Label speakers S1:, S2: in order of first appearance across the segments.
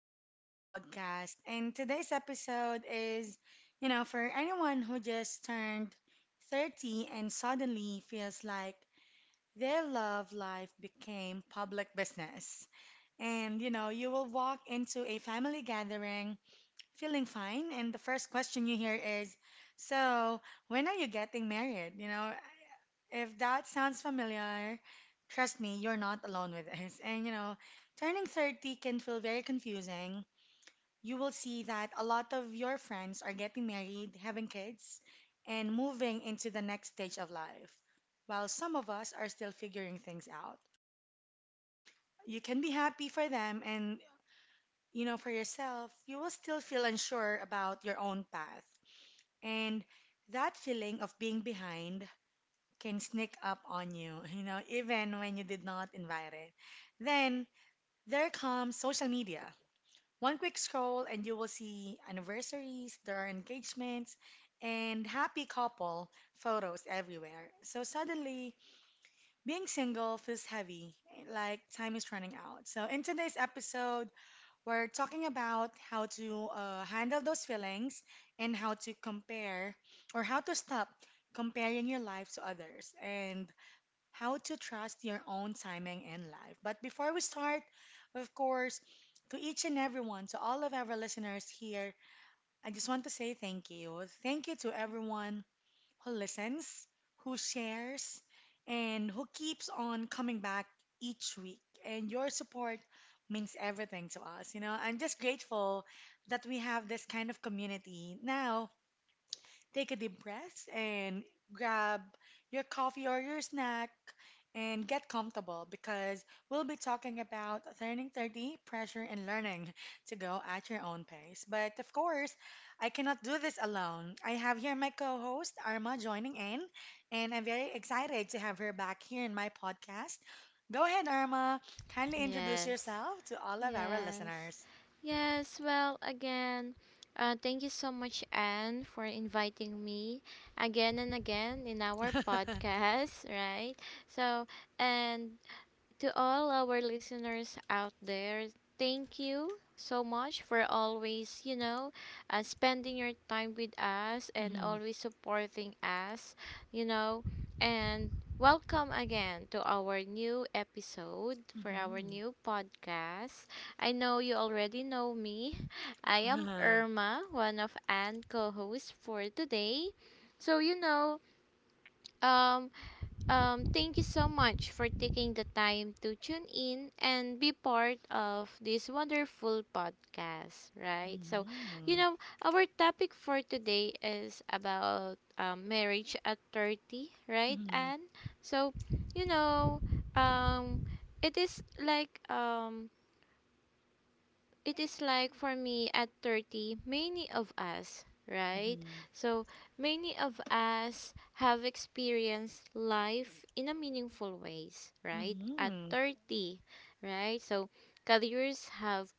S1: back to the podcast. And today's episode is, for anyone who just turned 30 and suddenly feels like their love life became public business. And, you will walk into a family gathering feeling fine, and the first question you hear is, so, when are you getting married? If that sounds familiar, trust me, you're not alone with this. And turning 30 can feel very confusing. You will see that a lot of your friends are getting married, having kids, and moving into the next stage of life, while some of us are still figuring things out. You can be happy for them, and for yourself, you will still feel unsure about your own path. And that feeling of being behind can sneak up on you, you know, even when you did not invite it. Then there comes social media. One quick scroll and you will see anniversaries, there are engagements, and happy couple photos everywhere. So suddenly, being single feels heavy, like time is running out. So in today's episode, we're talking about how to handle those feelings and how to compare or how to stop comparing your life to others and how to trust your own timing in life. But before we start, of course, to each and everyone, to all of our listeners here, I just want to say thank you. Thank you to everyone who listens, who shares, and who keeps on coming back each week. And your support means everything to us. I'm just grateful that we have this kind of community now. Take a deep breath and grab your coffee or your snack and get comfortable because we'll be talking about turning 30, pressure, and learning to go at your own pace. But of course, I cannot do this alone. I have here my co host, Arma, joining in, and I'm very excited to have her back here in my podcast. Go ahead, Arma. Kindly introduce
S2: Yes,
S1: yourself to all of our
S2: yes,
S1: listeners.
S2: yes. Well, again, thank you so much, Anne, for inviting me again and again in our podcast, right? So, and to all our listeners out there, thank you so much for always, you know, spending your time with us and
S1: Mm-hmm.
S2: always supporting us, you know, and welcome again to our new episode for our
S1: Mm-hmm.
S2: new podcast. I know you already know me. I am
S1: Uh-huh.
S2: Irma, one of Anne co-hosts for today. So you know, um thank you so much for taking the time to tune in and be part of this wonderful podcast, right? So, you know, our topic for today is about marriage at 30, right?
S1: Mm-hmm.
S2: And so, you know, um, it is like um, it is like for me at 30, many of us, right?
S1: Mhm.
S2: So many of us have experienced life in a meaningful ways, right, at
S1: Mhm.
S2: 30, right? So careers have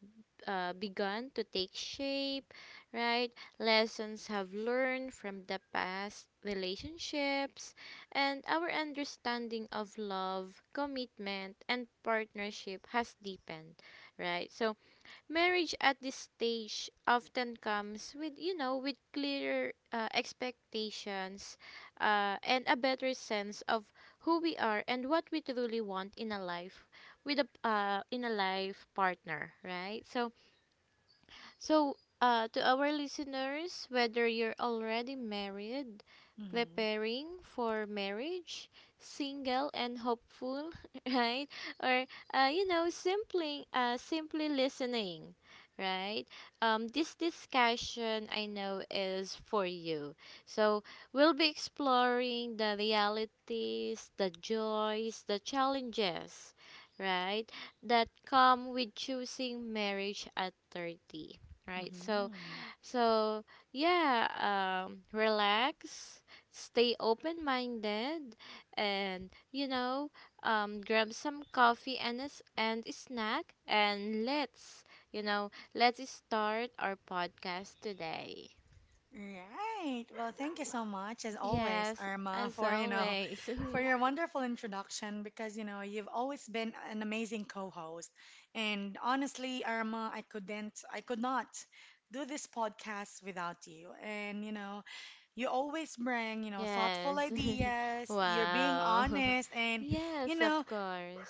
S2: begun to take shape, right? Lessons have learned from the past relationships, and our understanding of love, commitment and partnership has deepened, right? So marriage at this stage often comes with, you know, with clearer expectations and a better sense of who we are and what we truly want in a life with a life partner, right? So, to our listeners, whether you're already married,
S1: Mhm.
S2: preparing for marriage, single and hopeful, right? Or you know, simply listening, right? This discussion I know is for you. So we'll be exploring the realities, the joys, the challenges, right? that come with choosing marriage at 30. Right. So
S1: Mhm.
S2: so yeah, relax, stay open-minded, and you know, grab some coffee and a snack, and let's, you know, let's start our podcast today.
S1: Right. Well, thank you so much, as always,
S2: Yes,
S1: Irma,
S2: as
S1: for
S2: always.
S1: for your wonderful introduction. Because you've always been an amazing co-host, and honestly, Irma, I could not do this podcast without you. And you always bring thoughtful
S2: Yes.
S1: ideas. You're being
S2: Wow.
S1: honest, and you
S2: Yes,
S1: know,
S2: of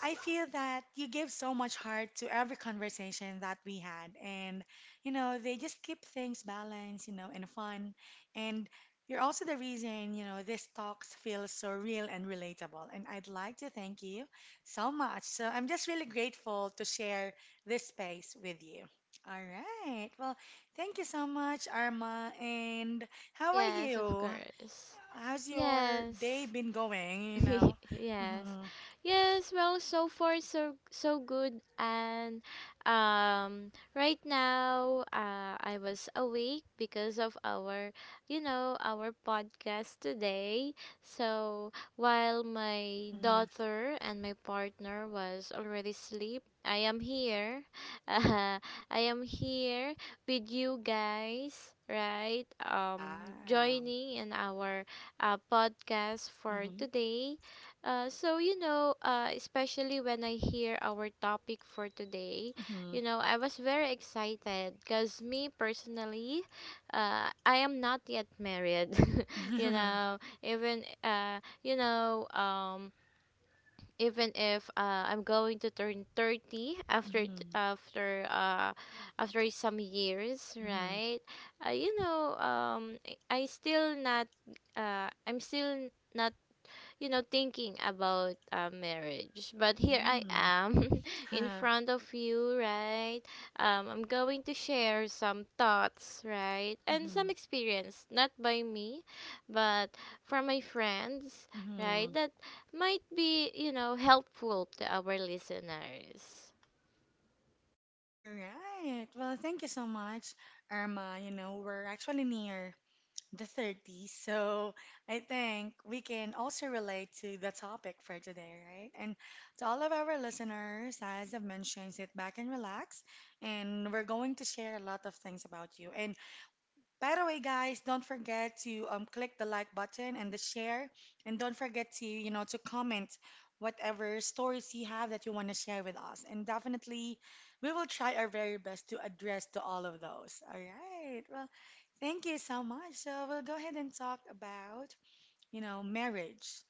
S1: I feel that you give so much heart to every conversation that we had. And, they just keep things balanced, and fun. And you're also the reason, these talks feel so real and relatable. And I'd like to thank you so much. So I'm just really grateful to share this space with you. All right. Well, thank you so much, Arma. And how are
S2: Yes, of
S1: you?
S2: course.
S1: How's your
S2: Yes.
S1: day been going?
S2: yes
S1: Mm-hmm.
S2: yes. Well, so far so good. And um right now, I was awake because of our, you know, our podcast today. So while my
S1: Mm-hmm.
S2: daughter and my partner was already asleep, I am here. uh, I am here with you guys, right? Um,
S1: Wow.
S2: joining in our podcast for
S1: Mm-hmm.
S2: today. So, you know, especially when I hear our topic for today,
S1: Mm-hmm.
S2: you know, I was very excited because, me personally, I am not yet married. You
S1: Mm-hmm.
S2: know, even, you know, even if I'm going to turn 30 after after some years,
S1: Mm-hmm.
S2: right? You know, I still not, I'm still not, you know, thinking about marriage. But here I
S1: Mm-hmm.
S2: am in
S1: Huh.
S2: front of you, right? I'm going to share some thoughts, right? And
S1: Mm-hmm.
S2: some experience, not by me, but from my friends, right?
S1: Mm-hmm.
S2: That might be, you know, helpful to our listeners.
S1: All right. Well, thank you so much, Irma. You know, we're actually near the 30s, so I think we can also relate to the topic for today, right? And to all of our listeners, as I've mentioned, sit back and relax, and we're going to share a lot of things about you. And by the way, guys, don't forget to click the like button and the share, and don't forget to to comment whatever stories you have that you want to share with us. And definitely, we will try our very best to address to all of those. All right. Well, thank you so much. So we'll go ahead and talk about marriage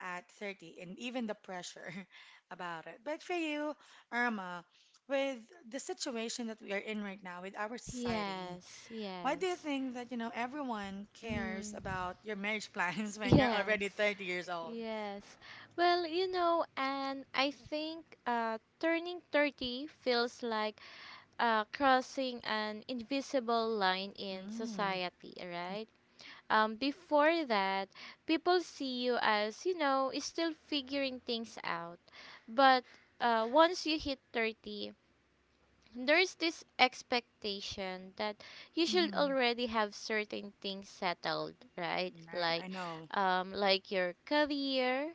S1: at 30 and even the pressure about it. But for you, Irma, with the situation that we are in right now with our society,
S2: Yes,
S1: why do you
S2: yes.
S1: think that, everyone cares
S2: Mm,
S1: about your marriage plans when you're already
S2: yes.
S1: 30 years old?
S2: Yes. Well, you know, and I think turning 30 feels like crossing an invisible line in
S1: Mm,
S2: society, right? Before that, people see you as, you know, still figuring things out. But once you hit 30, there's this expectation that you should
S1: mm-hmm.
S2: already have certain things settled, right?
S1: Right, I
S2: Like
S1: know.
S2: like your career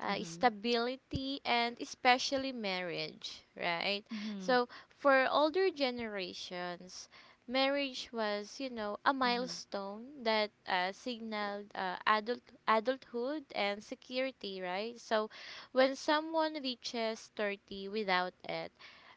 S1: Mm-hmm.
S2: stability, and especially marriage, right?
S1: Mm-hmm.
S2: So for older generations, marriage was, you know, a
S1: Mm-hmm.
S2: milestone that signaled adulthood and security, right? So when someone reaches 30 without it,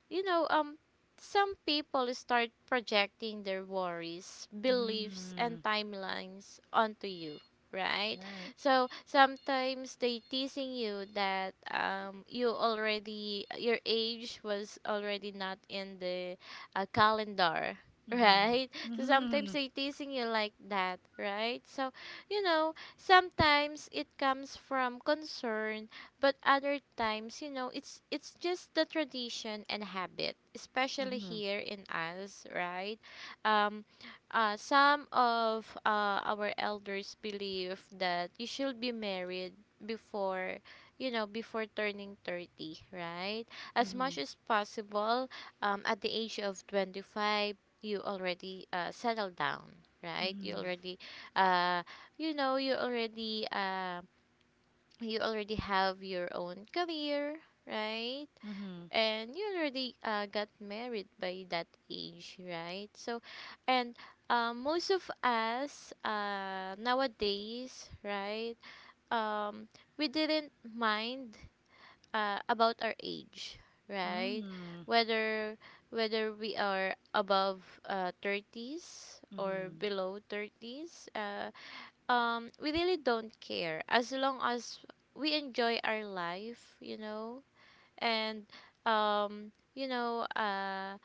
S2: you know, some people start projecting their worries, beliefs, and
S1: Mm-hmm.
S2: timelines onto you, right?
S1: Right.
S2: So sometimes they teasing you that, you already, your age was already not in the calendar,
S1: Mm-hmm.
S2: right? So sometimes
S1: Mm-hmm.
S2: they teasing you like that, right? So you know, sometimes it comes from concern, but other times, you know, it's just the tradition and habit, especially
S1: Mm-hmm.
S2: here in us, right? Um, some of our elders believe that you should be married before, you know, before turning 30, right? As
S1: Mm-hmm.
S2: much as possible, at the age of 25 you already settle down, right? You
S1: Mm-hmm.
S2: already uh you know you already um you already have your own career, right?
S1: Mm-hmm.
S2: And you already got married by that age, right? So, and most of us nowadays, right? Um, we didn't mind about our age, right?
S1: Mm-hmm.
S2: Whether whether we are above 30s
S1: Mm-hmm.
S2: or
S1: Mm-hmm.
S2: below 30s, we really don't care as long as we enjoy our life, you know. And um you know uh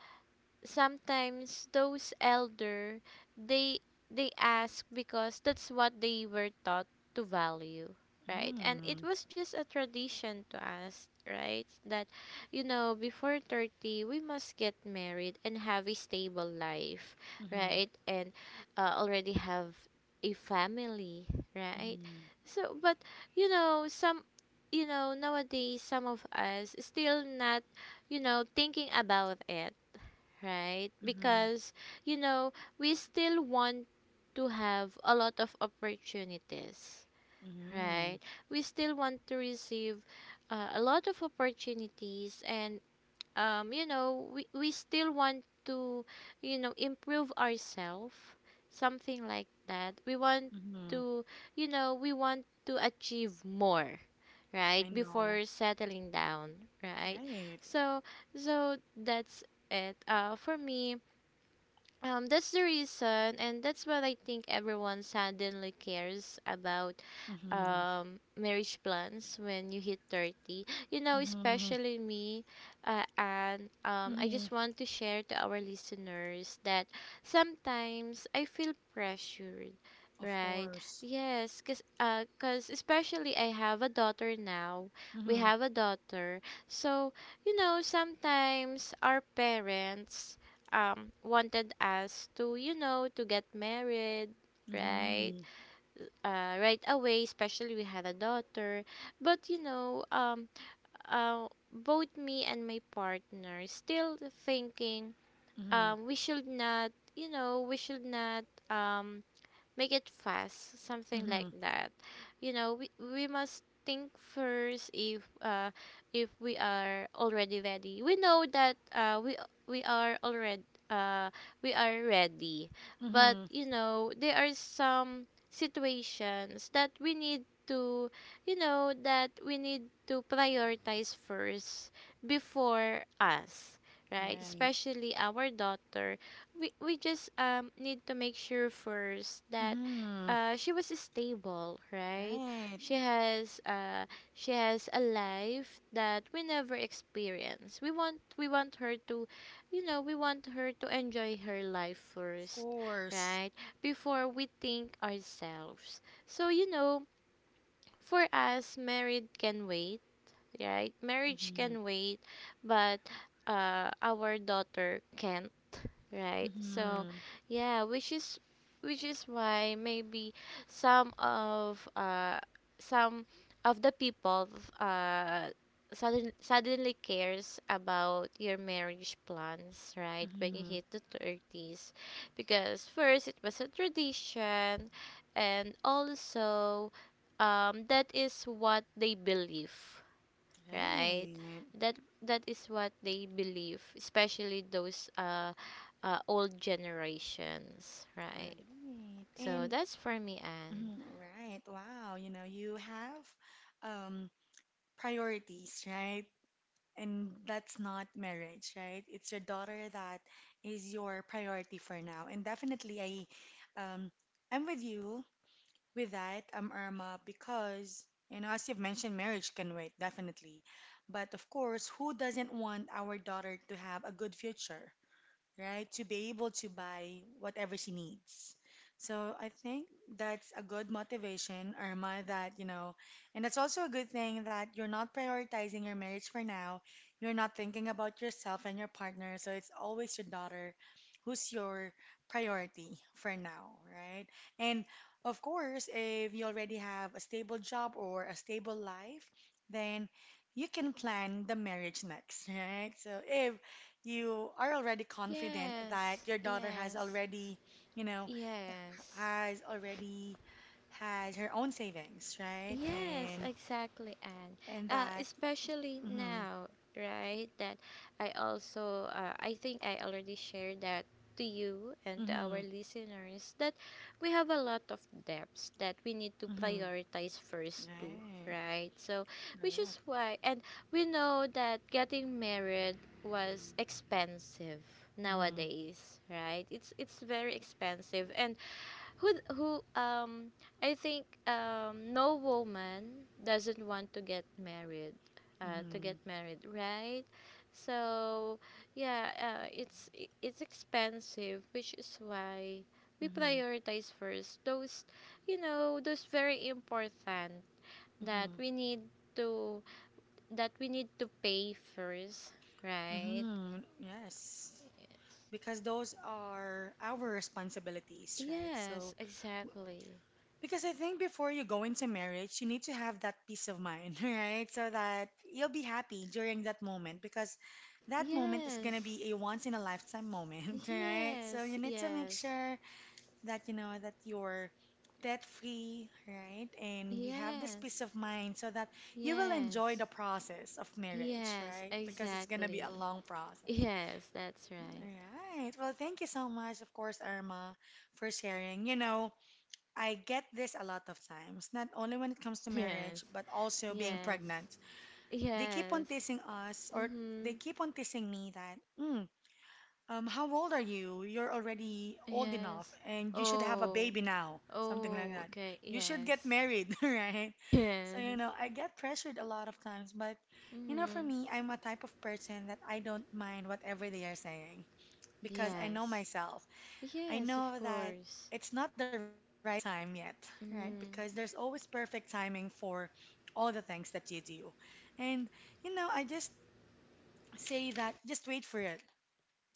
S2: sometimes those elder, they they ask because that's what they were taught to value, right? And it
S1: Mm-hmm.
S2: was just a tradition to us, right? That, you know, before 30 we must get married and have a stable life, right? And already have a family, right? So but, you know, some, you know, nowadays some of us still not, you know, thinking about it, right?
S1: Mm-hmm.
S2: Because, you know, we still want to have a lot of opportunities,
S1: Mm-hmm.
S2: right? We still want to receive a lot of opportunities, and, you know, we still want to, you know, improve ourselves, something like that. We want
S1: Mm-hmm.
S2: to, you know, we want to achieve more,
S1: I
S2: right,
S1: know.
S2: before settling down, right?
S1: Right.
S2: So so that's it, for me. Um, that's the reason, and that's what I think everyone suddenly cares about,
S1: Mm-hmm.
S2: um, marriage plans when you hit 30, you know,
S1: Mm-hmm.
S2: especially me. And I
S1: Mm-hmm.
S2: just want to share to our listeners that sometimes I feel pressured,
S1: Of
S2: right?
S1: course.
S2: Yes, because 'cause especially I have a daughter now, we have a daughter. So you know, sometimes our parents wanted us to, you know, to get married, right?
S1: Mm-hmm.
S2: Right away, especially we had a daughter. But you know, both me and my partner still thinking,
S1: Mm-hmm.
S2: we should not, you know, we should not, um, make it fast, something like
S1: Mm-hmm.
S2: that. You know, we must think first if we are already ready. We know that we are already uh we are ready. But
S1: Mm-hmm.
S2: you know, there are some situations that we need to, you know, that we need to prioritize first before us, right?
S1: Right.
S2: Especially our daughter, we just need to make sure first that
S1: Mm-hmm.
S2: she was stable, right?
S1: Right.
S2: She has she has a life that we never experience. We want her to, you know, we want her to enjoy her life
S1: Of
S2: first,
S1: course.
S2: right, before we think ourselves. So you know, for us, married can wait, right? Marriage
S1: Mm-hmm.
S2: can wait. But our daughter can. Right. So,
S1: Mm-hmm.
S2: yeah, which is why maybe some of uh some of the people uh suddenly cares about your marriage plans, right? When you
S1: Mm-hmm.
S2: hit the 30s, because first it was a tradition, and also, um, that is what they believe, right?
S1: Right.
S2: That that is what they believe, especially those old generations, right?
S1: Right.
S2: So
S1: And
S2: that's for me. And
S1: mhm, right. Wow. You know, you have um priorities, right? And that's not marriage, right? It's your daughter that is your priority for now. And definitely I um I'm with you. With that, Irma, because, as you've mentioned, marriage can wait, definitely. But of course, who doesn't want our daughter to have a good future, right? To be able to buy whatever she needs. So I think that's a good motivation, Irma, that, and that's also a good thing that you're not prioritizing your marriage for now. You're not thinking about yourself and your partner. So it's always your daughter who's your priority for now, right? And of course, if you already have a stable job or a stable life, then you can plan the marriage next, right? So if you are already confident that
S2: yes,
S1: your daughter
S2: yes,
S1: you know,
S2: yes.
S1: has already has her own savings, right?
S2: Yes, exactly. And
S1: And that,
S2: especially
S1: mm-hmm,
S2: now, right? That I also, I think I already shared that to you and to
S1: mm-hmm,
S2: our listeners, that we have a lot of debts that we need to
S1: mm-hmm,
S2: prioritize first too,
S1: right,
S2: right? So, which
S1: right,
S2: is why, and we know that getting married was expensive
S1: mm-hmm,
S2: nowadays, right? It's very expensive. And who d- who I think no woman doesn't want to get married,
S1: mm-hmm,
S2: right? So yeah, it's expensive, which is why we
S1: mm-hmm,
S2: prioritize first those, you know, those very important that
S1: mm-hmm,
S2: we need to, that we need to pay first, right?
S1: mm-hmm, yes, because those are our responsibilities, right?
S2: Yes,
S1: So
S2: exactly.
S1: because I think before you go into marriage, you need to have that peace of mind, right? So that you'll be happy during that moment because that moment is going to
S2: Yes.
S1: be a once in a lifetime moment, right? So you
S2: Yes,
S1: need to make
S2: yes.
S1: sure that that you're debt free, right? And you have this
S2: Yes,
S1: peace of mind so that you will enjoy the
S2: yes,
S1: process of marriage,
S2: yes,
S1: right? Because it's going to be a
S2: exactly.
S1: long process.
S2: Yes, that's right.
S1: All right. Well, thank you so much, of course, Irma, for sharing. You know, I get this a lot of times, not only when it comes to
S2: Yes,
S1: marriage, but also being
S2: yes,
S1: pregnant. They keep on
S2: yes.
S1: teasing us, or they
S2: Mm-hmm.
S1: keep on teasing me that, how old are you? You're already old enough,
S2: Yes.
S1: and you should have a
S2: Oh,
S1: baby now, something like
S2: oh,
S1: that.
S2: okay,
S1: You should get
S2: yes.
S1: married, right? So,
S2: Yes.
S1: I get pressured a lot of times, but, for
S2: Mm-hmm.
S1: me, I'm a type of person that I don't mind whatever they are saying because I know
S2: Yes.
S1: myself. I
S2: Yes, of
S1: know that
S2: course.
S1: it's not the right time yet, right? Because there's
S2: Mm.
S1: always perfect timing for all the things that you do. And, I just say that just wait for it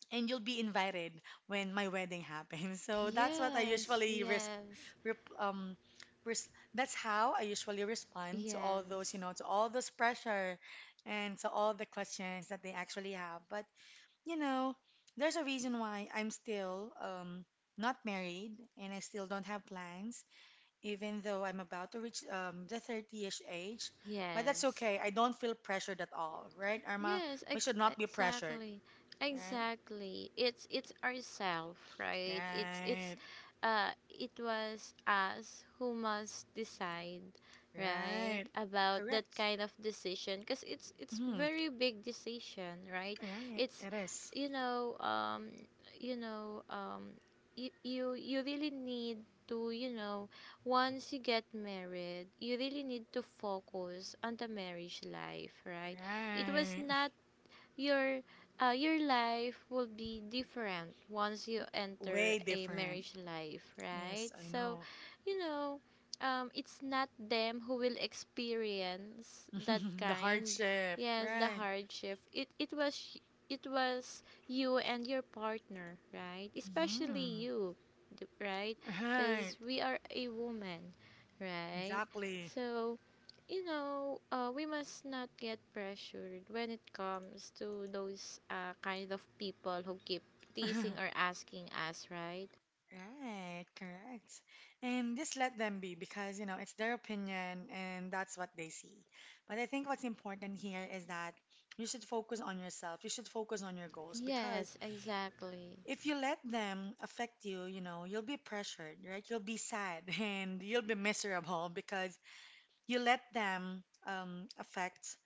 S1: and you'll be invited when my wedding happens. So that's what I
S2: Yes,
S1: usually resp
S2: yes,
S1: rep res that's how I usually respond to all those,
S2: yes,
S1: to all those pressure and to all the questions that they actually have. But you know, there's a reason why I'm still not married and I still don't have plans, even though I'm about to reach the 30-ish age. But that's
S2: yes.
S1: okay. I don't feel pressured at all, right, Irma?
S2: Yes,
S1: We should not be pressured,
S2: exactly.
S1: right?
S2: Exactly. It's ourself, right? It's
S1: Right,
S2: it was us who must decide, right?
S1: right.
S2: About that
S1: Correct.
S2: kind of decision, because it's
S1: Mm-hmm.
S2: very big decision, right?
S1: Right,
S2: It's,
S1: it is.
S2: you know, um, you really need to, you know, once you get married, you really need to focus on the marriage life, right? It was
S1: Right.
S2: not your, your life will be different once you enter
S1: Way
S2: a
S1: different.
S2: marriage life, right?
S1: Yes, I
S2: So,
S1: know.
S2: you know, it's not them who will experience that
S1: The
S2: kind.
S1: hardship,
S2: Yes, the
S1: right?
S2: hardship. It was you and your partner, right? Especially
S1: Mhm.
S2: you, right?
S1: Right.
S2: Because we are a woman, right?
S1: Exactly.
S2: So you know, we must not get pressured when it comes to those kind of people who keep teasing or asking us, right?
S1: Right, correct. And just let them be because, it's their opinion and that's what they see. But I think what's important here is that you should focus on yourself. You should focus on your goals because
S2: Yes, exactly.
S1: if you let them affect you, you'll be pressured, right? You'll be sad and you'll be miserable because you let them affect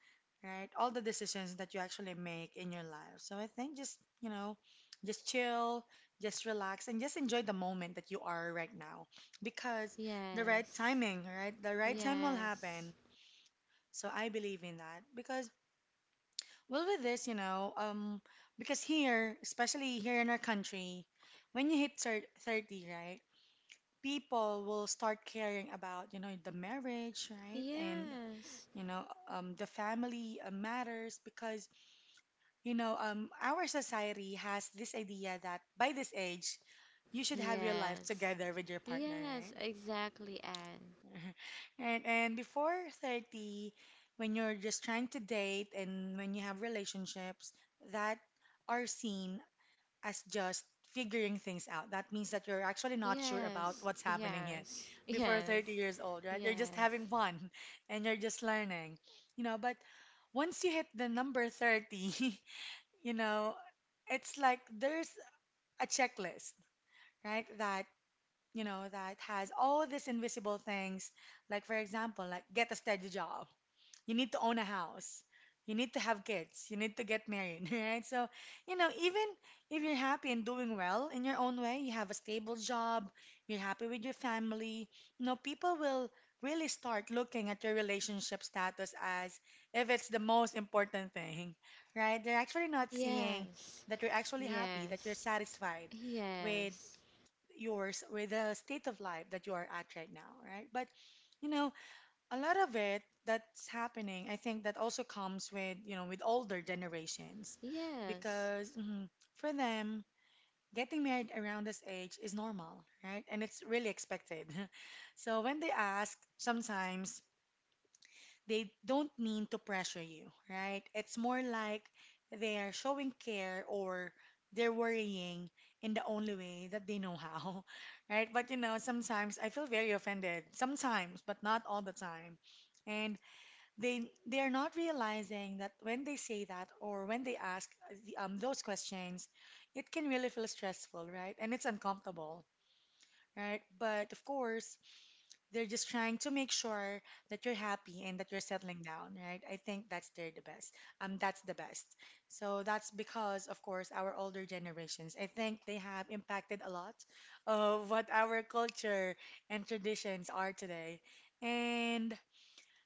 S1: right all the decisions that you actually make in your life. So I think just just chill, just relax and just enjoy the moment that you are right now because the right
S2: Yes.
S1: timing, right, the right time will
S2: Yes.
S1: happen. So I believe in that because, well, with this, because here, especially here in our country, when you hit 30, right, people will start caring about the marriage, right, and
S2: Yes.
S1: you know the family matters because our society has this idea that by this age you should have your life
S2: Yes.
S1: together with your partner,
S2: Yes,
S1: right?
S2: exactly, Anne.
S1: And before 30, when you're just trying to date and when you have relationships that are seen as just figuring things out. That means that you're actually not sure about
S2: Yes.
S1: what's happening yet
S2: Yes.
S1: before
S2: Yes.
S1: 30 years old, right?
S2: Yes.
S1: You're just having fun and you're just learning, you know. But once you hit the number 30, you know, it's like there's a checklist, right? That, that has all these invisible things. Like, for example, like get a steady job, you need to own a house, you need to have kids, you need to get married, right? So you know, even if you're happy and doing well in your own way, you have a stable job, you're happy with your family, you know, people will really start looking at your relationship status as if it's the most important thing. Right, they're actually not seeing
S2: Yes.
S1: that you're actually happy, that you're
S2: Yes.
S1: satisfied with
S2: Yes.
S1: yours with the state of life that you are at right now, right? But you know, a lot of it that's happening, I think that also comes with, you know, with older generations
S2: Yes.
S1: because for them, getting married around this age is normal, right? And it's really expected. So when they ask, sometimes they don't mean to pressure you, right? It's more like they are showing care or they're worrying in the only way that they know how, right? But you know, sometimes I feel very offended, sometimes, but not all the time. And they are not realizing that when they say that or when they ask those questions, it can really feel stressful, right? And it's uncomfortable, right? But of course, they're just trying to make sure that you're happy and that you're settling down, right? I think that's they're the best. That's the best. So that's because, of course, our older generations, I think they have impacted a lot of what our culture and traditions are today. And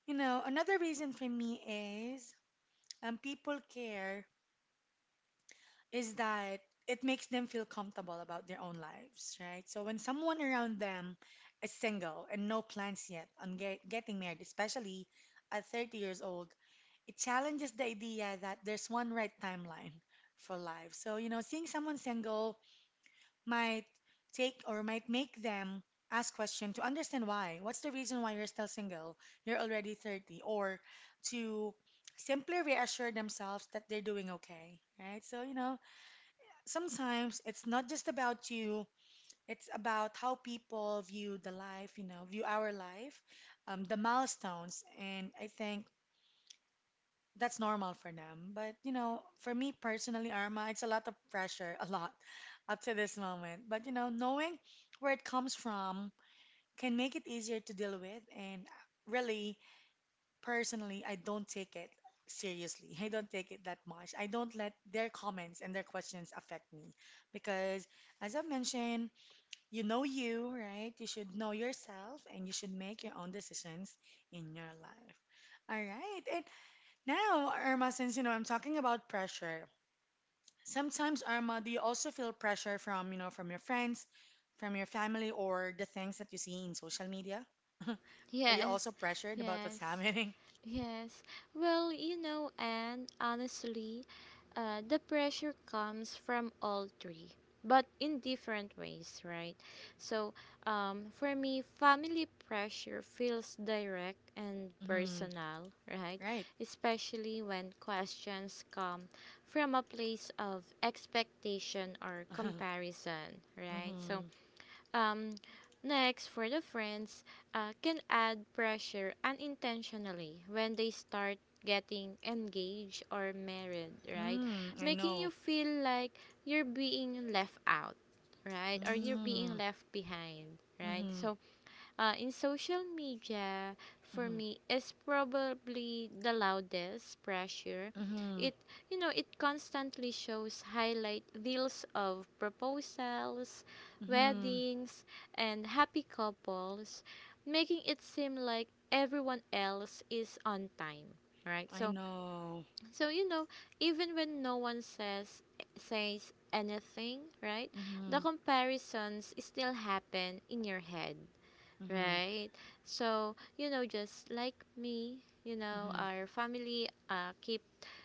S1: you know, another reason for me is people care is that it makes them feel comfortable about their own lives, right? So when someone around them is single and no plans yet on getting married, especially at 30 years old, it challenges the idea that there's one right timeline for life. So, you know, seeing someone single might take or might make them ask question to understand why. What's the reason why you're still single? You're already 30, or to simply reassure themselves that they're doing okay, right? So, you know, sometimes it's not just about you, it's about how people view the life, you know, view our life, the milestones. And I think that's normal for them. But, you know, for me personally, Arma, it's a lot of pressure, a lot up to this moment. But, you know, knowing where it comes from can make it easier to deal with. And really, personally, I don't take it seriously. I don't take it that much. I don't let their comments and their questions affect me. Because, as I've mentioned, you know you, right? You should know yourself and you should make your own decisions in your life. All right. And now, Irma, since you know I'm talking about pressure, sometimes Irma, do you also feel pressure from from your friends, from your family, or the things that you see in social media? Are you also
S2: Yes,
S1: pressured about what's
S2: yes,
S1: happening?
S2: yes. Well, you know, and honestly, the pressure comes from all three, but in different ways, right? So, for me, family pressure feels direct and
S1: Mm-hmm.
S2: personal, right?
S1: Right.
S2: Especially when questions come from a place of expectation or comparison, right?
S1: Mm-hmm.
S2: Um, Next, for the friends, can add pressure unintentionally when they start getting engaged or married, right?
S1: Mm, I
S2: Making you
S1: know.
S2: feel like you're being left out, right? Or you're being
S1: Mm,
S2: left behind, right?
S1: mm-hmm.
S2: In social media for
S1: Mm-hmm.
S2: me is probably the loudest pressure.
S1: Mm-hmm.
S2: It it constantly shows highlight reels of proposals,
S1: Mm-hmm.
S2: weddings, and happy couples, making it seem like everyone else is on time, right?
S1: I
S2: so
S1: know.
S2: so you know, even when no one says anything, right, the
S1: Mm-hmm.
S2: comparisons still happen in your head.
S1: Mm-hmm.
S2: Right. So, you know, just like me, you know,
S1: Mm-hmm.
S2: our family keep,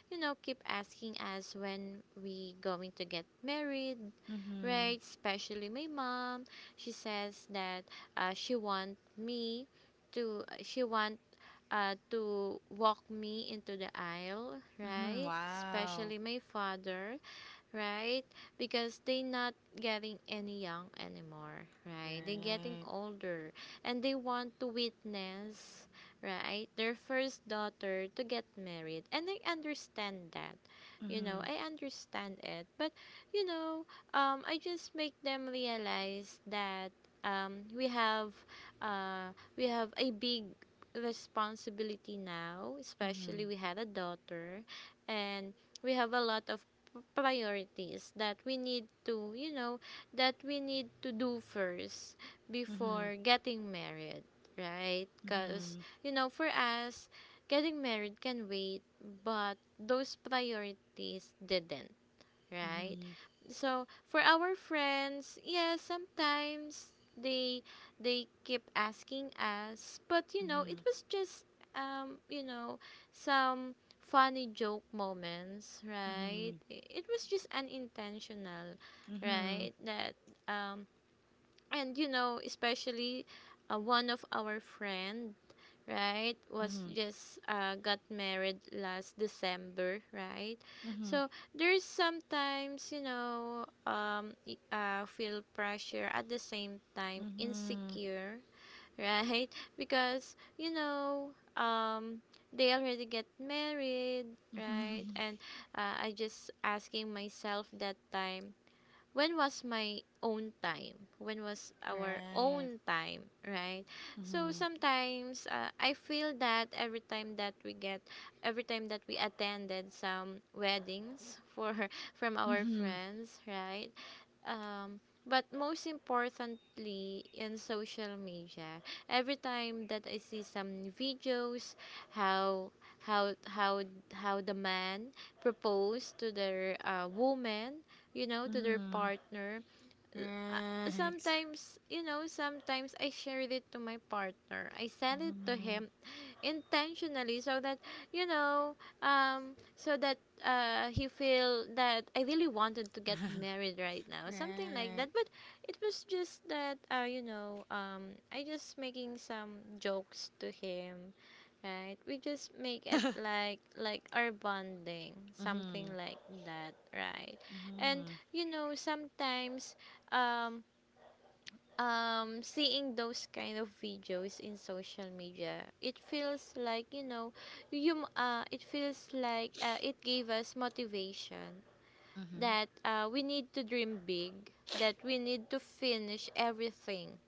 S2: you know, keep asking us when we going to get married,
S1: Mm-hmm.
S2: right? Especially my mom. She says that she want me to she want to walk me into the aisle,
S1: Mm-hmm.
S2: right?
S1: Wow.
S2: Especially my father, right? Because they not getting any young anymore, right? They getting
S1: Right.
S2: older and they want to witness, right? Their first daughter to get married. And I understand that. You know,
S1: Mm-hmm.
S2: I understand it. But, you know, I just make them realize that we have we have a big responsibility now,
S1: Mm-hmm.
S2: especially we had a daughter, and we have a lot of priorities that we need to, you know, that we need to do first
S1: Mm-hmm.
S2: before getting married, right? Because,
S1: Mhm,
S2: you know, for us, getting married can wait, but those priorities didn't, right?
S1: mhm,
S2: So for our friends, yeah, sometimes they keep asking us, but you know, it
S1: mhm,
S2: was just you know, some funny joke moments, right?
S1: mhm,
S2: It was just unintentional,
S1: mhm,
S2: right? That um and you know, especially one of our friend, right, was
S1: mhm,
S2: just got married last December, right?
S1: mhm,
S2: So there's sometimes, you know, feel pressure at the same time
S1: mhm,
S2: insecure right? Because you know, um they already get married, right?
S1: mhm.
S2: And I just asking myself that time, when was my own time? When was our
S1: Right.
S2: own time, right? So
S1: Mhm,
S2: sometimes, I feel that every time that we attended some weddings for from our
S1: mhm,
S2: friends, right? Um, but most importantly, in social media, every time that I see some videos, how how how how the man proposed to their woman, you know, to their
S1: mhm.
S2: partner. uh,
S1: Right.
S2: Sometimes, you know, sometimes I share it to my partner. I send it to
S1: Mhm.
S2: him intentionally so that you know, so that he feel that I really wanted to get married right now, something like
S1: Right.
S2: that. But it was just that you know, I just making some jokes to him, right? We just make it like our bonding, something
S1: Mhm,
S2: like that, right? And
S1: mhm,
S2: you know sometimes, um seeing those kind of videos in social media, it feels like, you know, it feels like, it gave us motivation
S1: mhm,
S2: that we need to dream big, that we need to finish everything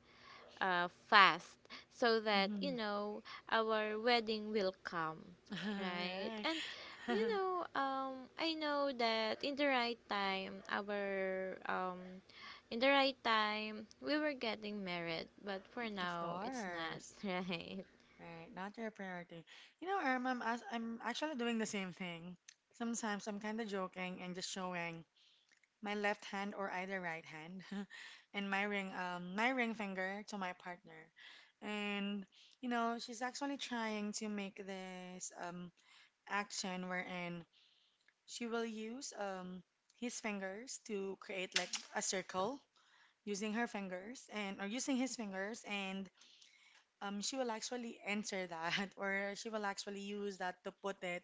S2: fast, so that you
S1: mhm.
S2: know, our wedding will come, right?
S1: Right.
S2: And you know, I know that in the right time our in the right time we were getting married, but for
S1: Of
S2: now it's not.
S1: course.
S2: Right?
S1: Right. Not your priority. You know, Irma, I'm, as- I'm actually doing the same thing. Sometimes I'm kind of joking and just showing my left hand or either right hand and my ring finger to my partner. And you know, she's actually trying to make this action wherein she will use his fingers to create like a circle using her fingers and or using his fingers, and she will actually enter that or she will actually use that to put it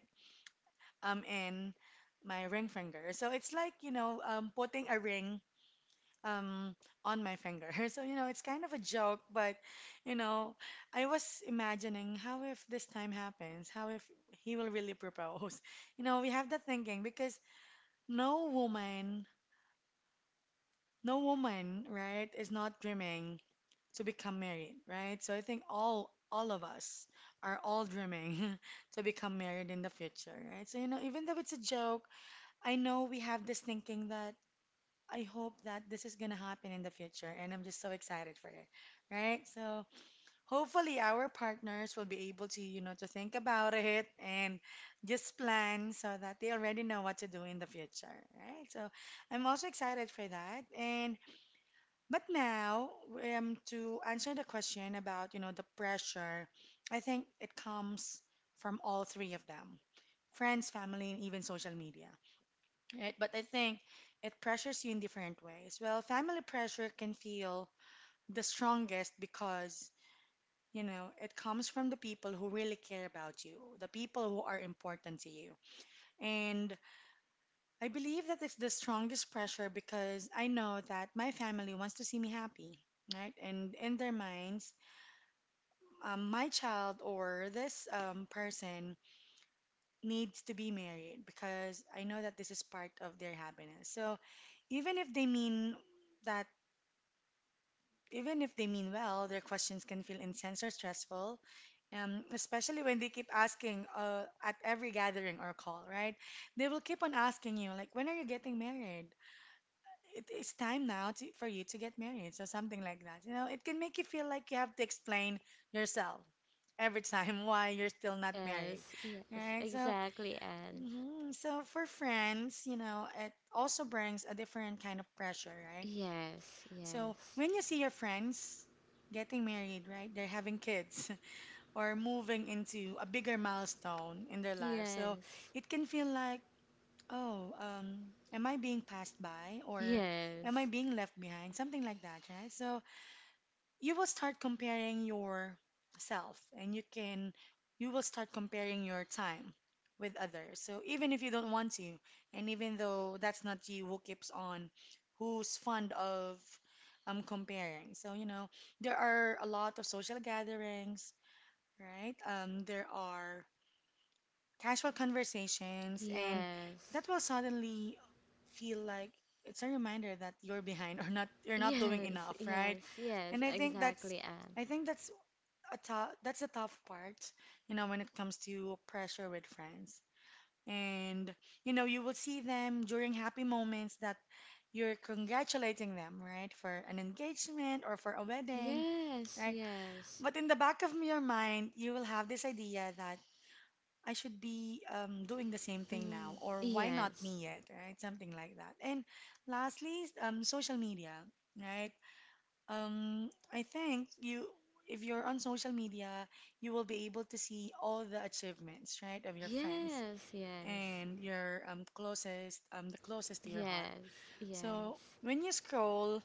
S1: in my ring finger. So it's like, you know, putting a ring um, on my finger. So, you know, it's kind of a joke, but, you know, I was imagining how if this time happens, how if he will really propose. You know, we have that thinking because no woman, no woman, right, is not dreaming to become married, right? So I think all of us are all dreaming to become married in the future, right? So you know, even though it's a joke, I know we have this thinking that I hope that this is gonna happen in the future, and I'm just so excited for it, right? So hopefully our partners will be able to, you know, to think about it and just plan so that they already know what to do in the future, right? So I'm also excited for that. And but now, to answer the question about, you know, the pressure, I think it comes from all three of them, friends, family, and even social media, right? But I think it pressures you in different ways. Well, family pressure can feel the strongest because, you know, it comes from the people who really care about you, the people who are important to you. And I believe that it's the strongest pressure because I know that my family wants to see me happy. Right, and in their minds, my child or this person needs to be married because I know that this is part of their happiness. So, even if they mean that Even if they mean well, their questions can feel intense or stressful, especially when they keep asking at every gathering or call, right? They will keep on asking you, like, when are you getting married? It's time now to, for you to get married, so something like that. You know, it can make you feel like you have to explain yourself every time why you're still not married,
S2: Yes, yes,
S1: right? So,
S2: exactly. And
S1: mhm, so for friends, you know, it also brings a different kind of pressure, right?
S2: yes,
S1: So
S2: yes,
S1: when you see your friends getting married, right? They're having kids or moving into a bigger milestone in their life. So
S2: yes,
S1: it can feel like, oh, am I being passed by or am I
S2: yes,
S1: being left behind? Something like that, right? So you will start comparing yourself and you will start comparing your time with others, so even if you don't want to, and even though that's not you who keeps on who's fond of comparing, so you know, there are a lot of social gatherings, right? There are casual conversations, and
S2: yes.
S1: that will suddenly feel like it's a reminder that you're behind or not you're not
S2: Yes,
S1: doing enough, right?
S2: yes, yes,
S1: And
S2: exactly. And
S1: I think that's a tough part, you know, when it comes to pressure with friends. And you know, you will see them during happy moments, that you're congratulating them, right, for an engagement or for a wedding,
S2: yes,
S1: right?
S2: yes.
S1: But in the back of your mind, you will have this idea that I should be doing the same thing
S2: Mm,
S1: now, or why not
S2: yes.
S1: me yet, right? Something like that. And lastly, social media, right? I think you, if you're on social media, you will be able to see all the achievements, right, of your friends
S2: Yes, yes.
S1: and your closest, the closest to your heart.
S2: Yes,
S1: So
S2: yes.
S1: when you scroll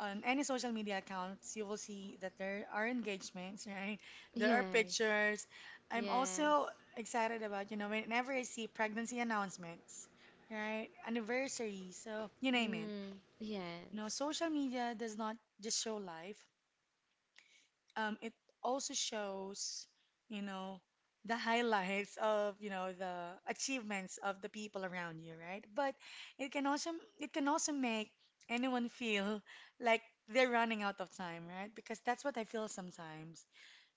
S1: on any social media accounts, you will see that there are engagements, right? There are
S2: Yes,
S1: pictures. I'm also
S2: yes.
S1: excited about, you know, whenever I see pregnancy announcements, right? Anniversary, so you name it.
S2: Mm,
S1: You know,
S2: yes.
S1: social media does not just show life, it also shows, you know, the highlights of, you know, the achievements of the people around you, right? But it can also it can also make anyone feel like they're running out of time, right? Because that's what I feel sometimes.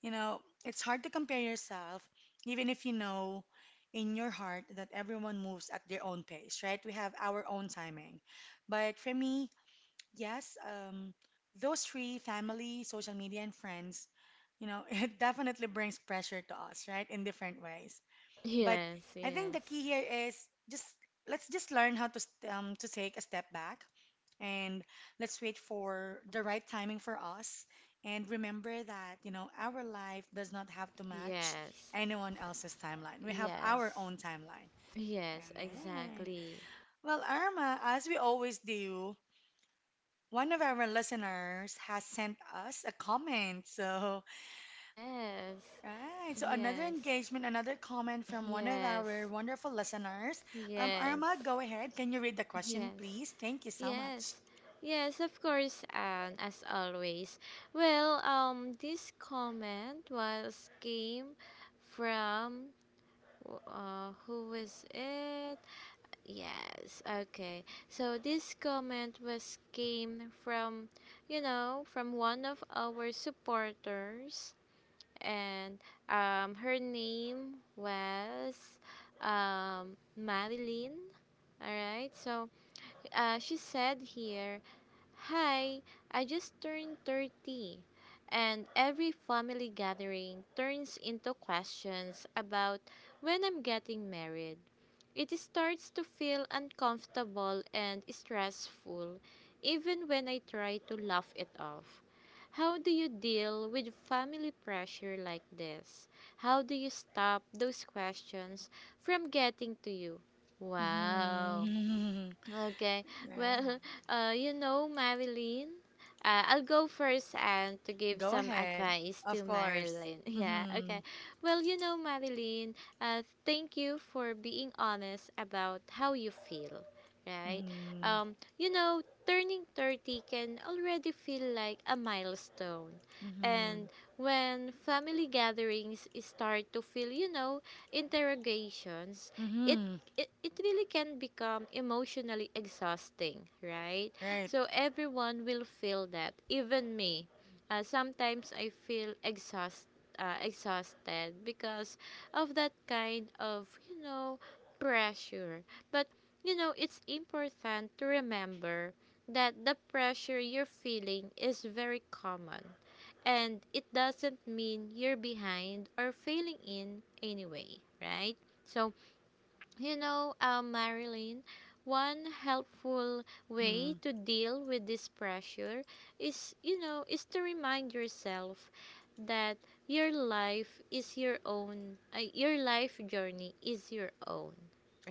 S1: You know, it's hard to compare yourself even if you know in your heart that everyone moves at their own pace, right? We have our own timing. But for me, yes, those three, family, social media, and friends, you know, it definitely brings pressure to us, right, in different ways. But
S2: Yes,
S1: I think the
S2: yes.
S1: key here is just let's just learn how to to take a step back and let's wait for the right timing for us. And remember that, you know, our life does not have to match
S2: Yes.
S1: anyone else's timeline. We have our
S2: Yes.
S1: own timeline.
S2: Yes,
S1: All right.
S2: exactly.
S1: Well, Irma, as we always do, one of our listeners has sent us a comment. So,
S2: Yes.
S1: right. So, another
S2: Yes.
S1: engagement, another comment from one of our
S2: Yes.
S1: wonderful listeners.
S2: Yes.
S1: Irma, go ahead. Can you read the question,
S2: Yes.
S1: please? Thank you so much.
S2: Yes. Yes, of course, and as always. Well, this comment was came from who was it? Yes. Okay. So this comment was came from, you know, from one of our supporters, and her name was Marilyn. All right. So, she said here: Hi, I just turned 30, and every family gathering turns into questions about when I'm getting married. It starts to feel uncomfortable and stressful, even when I try to laugh it off. How do you deal with family pressure like this? How do you stop those questions from getting to you? Wow.
S1: Mm-hmm.
S2: Okay.
S1: Irma,
S2: Well, you know, Marilyn, I'll go first and to give
S1: go
S2: some
S1: ahead.
S2: advice to
S1: Of course.
S2: Marilyn. Yeah,
S1: Mm-hmm.
S2: okay. Well, you know, Marilyn, thank you for being honest about how you feel, right?
S1: Mm-hmm.
S2: You know, turning 30 can already feel like a milestone.
S1: Mm-hmm.
S2: And when family gatherings start to feel, you know, interrogations, it
S1: Mm-hmm.
S2: it really can become emotionally exhausting, right?
S1: Right.
S2: So everyone will feel that, even me. Sometimes I feel exhausted because of that kind of, you know, pressure. But, you know, it's important to remember that the pressure you're feeling is very common, and it doesn't mean you're behind or failing in any way, right? So, you know, Marilyn, one helpful way
S1: Mm-hmm.
S2: to deal with this pressure is, you know, is to remind yourself that your life is your own, your life journey is your own,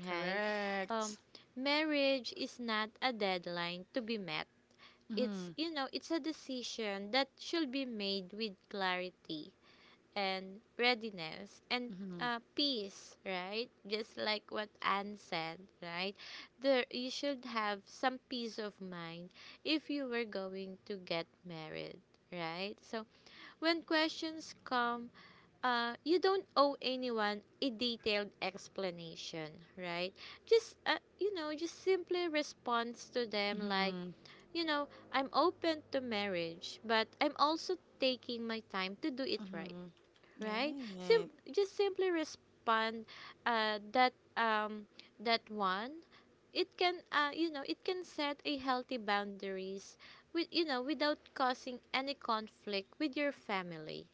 S2: right? Um,
S1: Correct.
S2: Marriage is not a deadline to be met. It's,
S1: Mm-hmm.
S2: you know, it's a decision that should be made with clarity and readiness and
S1: Mm-hmm.
S2: peace, right? Just like what Anne said, right? There, you should have some peace of mind if you were going to get married, right? So, when questions come, you don't owe anyone a detailed explanation, right? Just, you know, just simply responds to them like,
S1: Mm-hmm.
S2: you know, I'm open to marriage, but I'm also taking my time to do it right,
S1: Mm-hmm.
S2: right?
S1: Right.
S2: Just simply respond that that one. It can, you know, it can set a healthy boundaries with, you know, without causing any conflict with your family,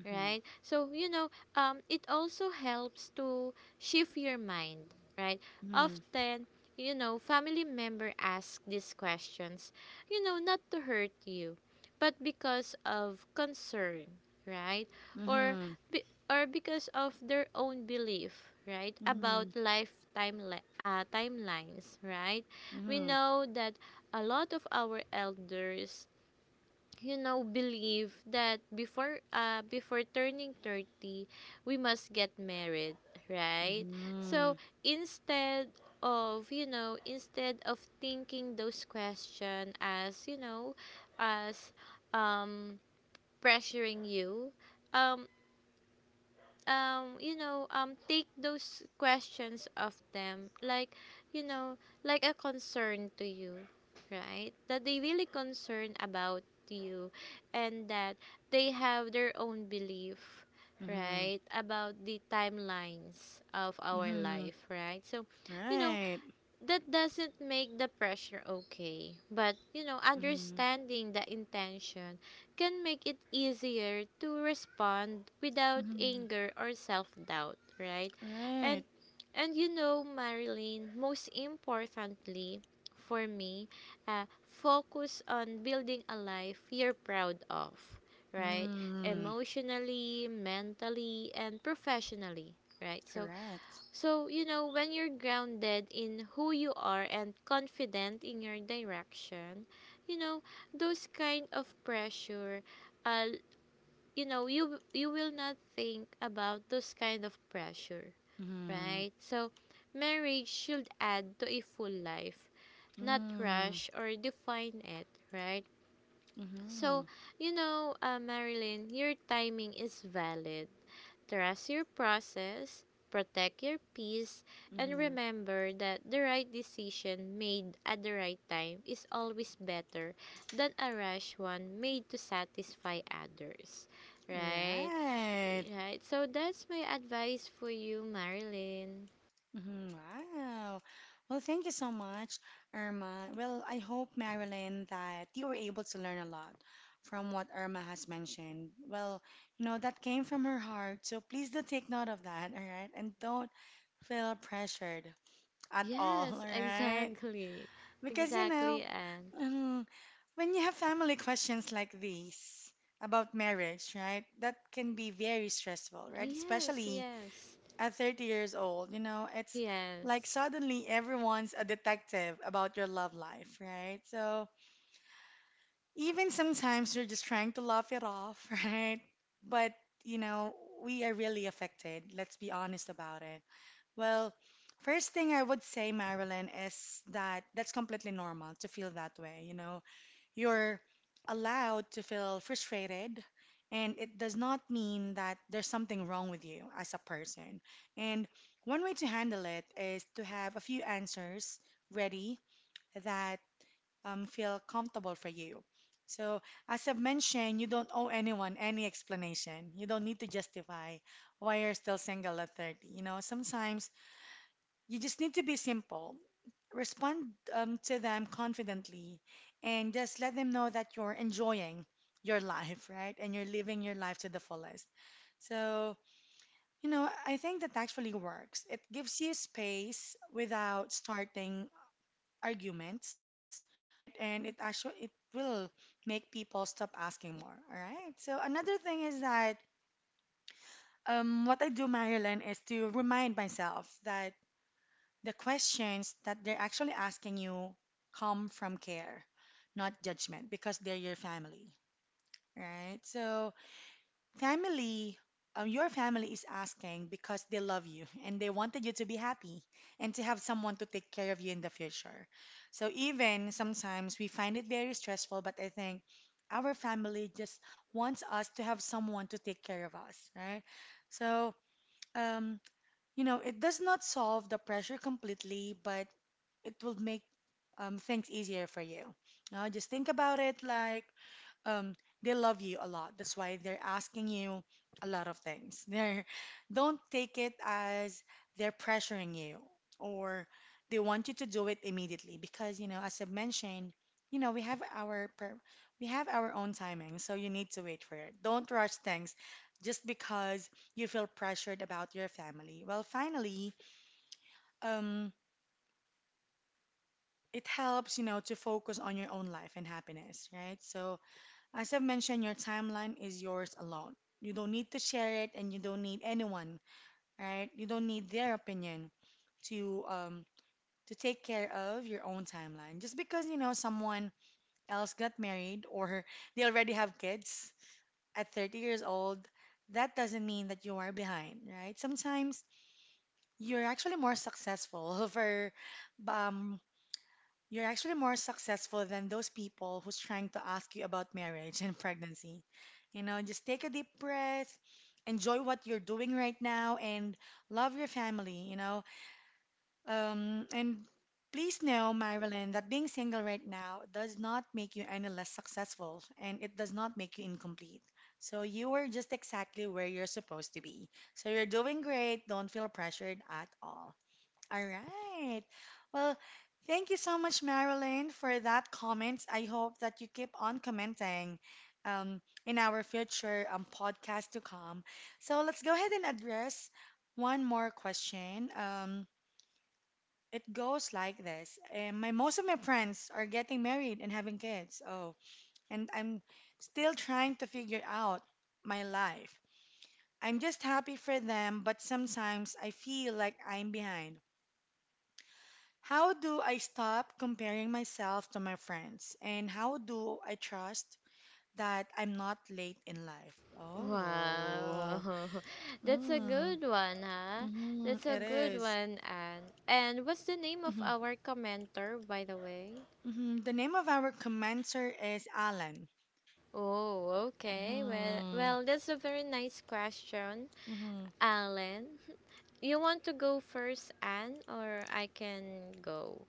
S1: Mm-hmm.
S2: right? So, you know, it also helps to shift your mind, right?
S1: Mm-hmm.
S2: Often, you know, family member ask these questions, you know, not to hurt you, but because of concern, right? Or
S1: Mhm.
S2: be, or because of their own belief, right? About
S1: Mhm.
S2: timelines, right? We
S1: Mhm.
S2: know that a lot of our elders, you know, believe that before turning 30 we must get married, right? So,
S1: Mhm.
S2: instead of, thinking those question as, you know, as um pressuring you, um you know, take those questions of them like, you know, like a concern to you, right? That they really concern about you, and that they have their own belief,
S1: Mhm.
S2: right, about the timelines of our
S1: Mhm.
S2: life, right? So, you know,
S1: Right.
S2: that doesn't make the pressure okay, but you know,
S1: Mhm.
S2: understanding the intention can make it easier to respond without
S1: Mhm.
S2: anger or self-doubt, right?
S1: Right.
S2: and and you know, Marilyn, most importantly, for me, focus on building a life you're proud of, right?
S1: Mm.
S2: Emotionally, mentally, and professionally, right? So,
S1: Correct.
S2: so, you know, when you're grounded in who you are and confident in your direction, you know, those kind of pressure, uh, you know, you will not think about those kind of pressure,
S1: Mhm.
S2: right? So, marriage should add to a full life, not
S1: Mhm.
S2: rush or define it, right?
S1: Mhm.
S2: So, you know, Marilyn, your timing is valid. Trust your process, protect your peace, and
S1: Mhm.
S2: remember that the right decision made at the right time is always better than a rash one made to satisfy others. Right?
S1: Right.
S2: Right. So that's my advice for you, Marilyn.
S1: Mhm, wow. Well, thank you so much, Irma. Well, I hope, Marilyn, that you were able to learn a lot from what Irma has mentioned. Well, you know, that came from her heart. So please do take note of that, all right? And don't feel pressured at all, all
S2: Yes,
S1: right?
S2: exactly.
S1: Because, you
S2: Exactly,
S1: know,
S2: and
S1: mhm, when you have family questions like these about marriage, right, that can be very stressful, right?
S2: yes,
S1: Especially
S2: yes.
S1: at 30 years old, you know, it's like
S2: Yes.
S1: suddenly everyone's a detective about your love life, right? So even sometimes you're just trying to laugh it off, right? But, you know, we are really affected. Let's be honest about it. Well, first thing I would say, Marilyn, is that that's completely normal to feel that way, you know. You're allowed to feel frustrated, and it does not mean that there's something wrong with you as a person. And one way to handle it is to have a few answers ready that feel comfortable for you. So, as I've mentioned, you don't owe anyone any explanation. You don't need to justify why you're still single at 30. You know, sometimes you just need to be simple. Respond to them confidently and just let them know that you're enjoying your life, right? And you're living your life to the fullest. So, you know, I think that actually works. It gives you space without starting arguments, right? And it actually it will make people stop asking more, all right? So another thing is that what I do, Marilyn, is to remind myself that the questions that they're actually asking you come from care, not judgment, because they're your family, right? So, family, your family is asking because they love you and they wanted you to be happy and to have someone to take care of you in the future. So, even sometimes we find it very stressful, but I think our family just wants us to have someone to take care of us, right? So, um, you know, it does not solve the pressure completely, but it will make things easier for you. Now, just think about it like um, they love you a lot. That's why they're asking you a lot of things. Don't take it as they're pressuring you or they want you to do it immediately because, you know, as I've mentioned, you know, we have our own timing, so you need to wait for it. Don't rush things just because you feel pressured about your family. Well, finally, um, it helps, you know, to focus on your own life and happiness, right? So, as I've mentioned, your timeline is yours alone. You don't need to share it and you don't need anyone, right? You don't need their opinion to um to take care of your own timeline. Just because, you know, someone else got married or they already have kids at 30 years old, that doesn't mean that you are behind, right? Sometimes you're actually more successful for um, you're actually more successful than those people who's trying to ask you about marriage and pregnancy. You know, just take a deep breath, enjoy what you're doing right now, and love your family, you know. And please know, Marilyn, that being single right now does not make you any less successful and it does not make you incomplete. So you are just exactly where you're supposed to be. So you're doing great. Don't feel pressured at all. All right. Well, thank you so much, Marilyn, for that comment. I hope that you keep on commenting um, in our future podcast to come. So let's go ahead and address one more question. It goes like this. My most of my friends are getting married and having kids. Oh, and I'm still trying to figure out my life. I'm just happy for them, but sometimes I feel like I'm behind. How do I stop comparing myself to my friends? And how do I trust that I'm not late in life? Oh,
S2: Wow. That's a
S1: mm,
S2: good one, huh? That's
S1: mhm,
S2: a
S1: it
S2: good
S1: is.
S2: one, Anne. And what's the name of
S1: Mhm,
S2: our commenter, by the way?
S1: mhm. The name of our commencer is Alan.
S2: Oh, okay. Well,
S1: Mhm,
S2: well, that's a very nice question,
S1: mhm.
S2: Alan. You want to go first, Anne, or I can go?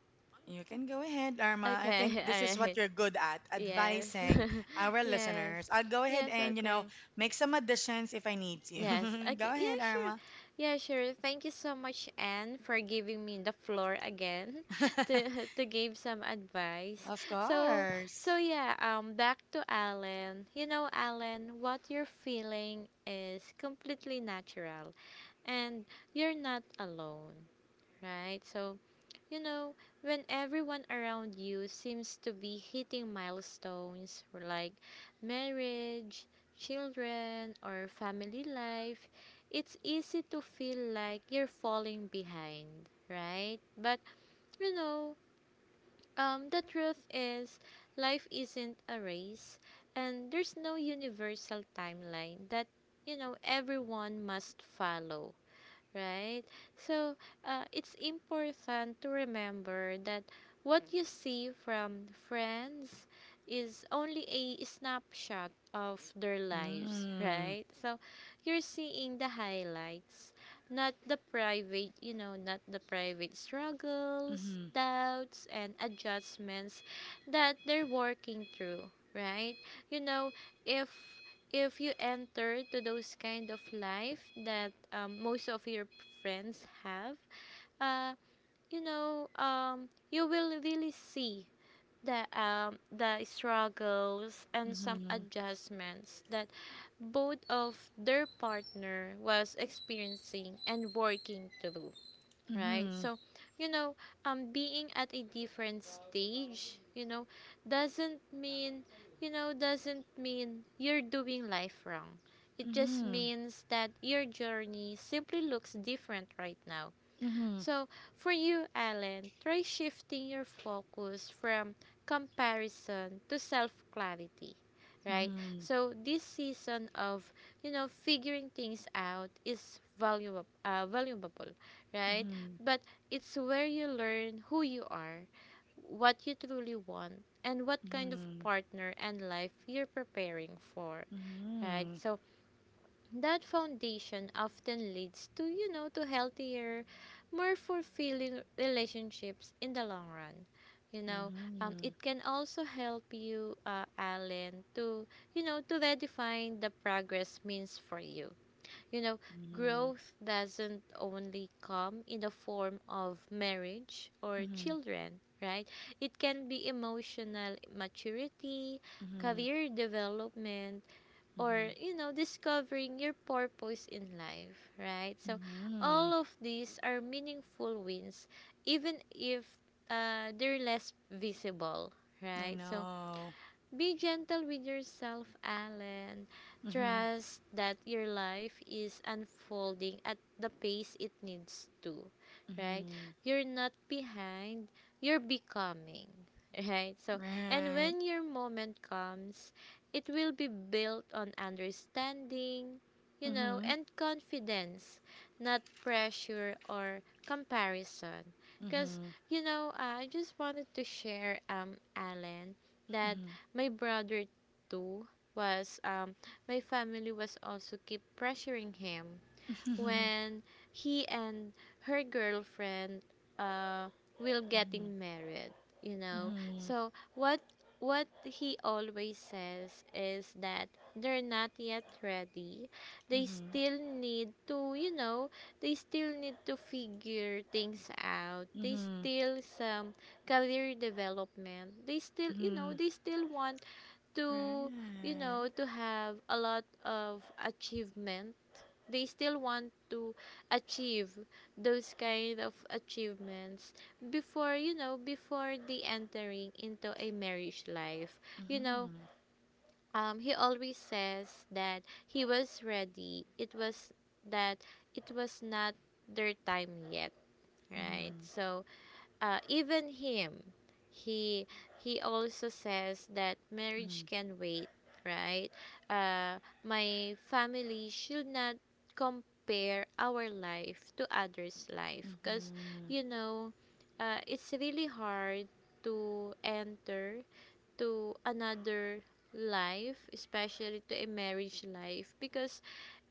S1: You can go ahead, Arma. I
S2: Okay,
S1: think this is
S2: all
S1: what
S2: right.
S1: you're good at,
S2: Yes.
S1: advising our
S2: Yes.
S1: listeners. I'll go ahead
S2: Yes,
S1: and, you know,
S2: okay.
S1: make some additions if I need
S2: Yes.
S1: to. Go
S2: Okay. Yeah,
S1: ahead,
S2: sure.
S1: Arma.
S2: Yeah, sure. Thank you so much, Anne, for giving me the floor again to give some advice.
S1: Of
S2: So,
S1: course.
S2: so yeah, back to Alan. You know, Alan, what you're feeling is completely natural and you're not alone, right? So you know, when everyone around you seems to be hitting milestones like marriage, children, or family life, it's easy to feel like you're falling behind, right? But you know, the truth is, life isn't a race, and there's no universal timeline that you know everyone must follow, right? So, it's important to remember that what you see from friends is only a snapshot of their lives,
S1: Mm.
S2: right? So you're seeing the highlights, not the private, you know, not the private struggles,
S1: Mhm.
S2: doubts, and adjustments that they're working through, right? You know, if if you enter to those kind of life that most of your friends have, uh, you know, you will really see the struggles and some
S1: Mhm.
S2: adjustments that both of their partner was experiencing and working through, right?
S1: Mhm.
S2: So you know, being at a different stage, you know, doesn't mean doesn't mean you're doing life wrong. It just
S1: Mhm.
S2: means that your journey simply looks different right now.
S1: Mhm.
S2: So, for you, Alan, try shifting your focus from comparison to self clarity, right?
S1: Mhm.
S2: So, this season of, figuring things out is valuable, valuable,
S1: Mhm.
S2: right?
S1: Mhm.
S2: But it's where you learn who you are, what you truly want, and what kind of
S1: Mhm.
S2: partner and life you're preparing for, right?
S1: Mhm.
S2: So, that foundation often leads to you know to healthier, more fulfilling relationships in the long run you know
S1: Mhm.
S2: it can also help you alan to to redefine the progress means for you you know Growth doesn't only come in the form of marriage or
S1: Mhm.
S2: children, right? It can be emotional maturity,
S1: Mhm.
S2: career development, or
S1: Mhm.
S2: discovering your purpose in life, right? So all
S1: Mhm.
S2: of these are meaningful wins, even if they're less visible,
S1: I
S2: right? So
S1: know.
S2: be gentle with yourself, Alan.
S1: Mhm.
S2: Trust that your life is unfolding at the pace it needs to, right?
S1: Mhm.
S2: You're not behind, you're becoming, right? So, and
S1: Right.
S2: when your moment comes, it will be built on understanding,
S1: Mhm.
S2: and confidence, not pressure or comparison. Because,
S1: Mhm.
S2: I just wanted to share, Alan, that
S1: Mhm.
S2: my brother too was my family was also keep pressuring him
S1: Mhm.
S2: when he and her girlfriend uh will
S1: Mhm.
S2: getting married,
S1: Mhm.
S2: so what he always says is that they're not yet ready. They
S1: Mhm.
S2: still need to figure things out. They
S1: Mhm.
S2: still some career development. they still you know
S1: Mhm.
S2: they still want to
S1: Right.
S2: to have a lot of achievement. They still want to achieve those kind of achievements before the entering into a marriage life. you know
S1: Mhm.
S2: he always says that he was ready. That it was not their time yet, right?
S1: Mhm.
S2: So even him, he he also says that marriage
S1: Mhm.
S2: can wait, right? My family should not compare our life to others life because,
S1: Mhm.
S2: you know it's really hard to enter to another life, especially to a marriage life, because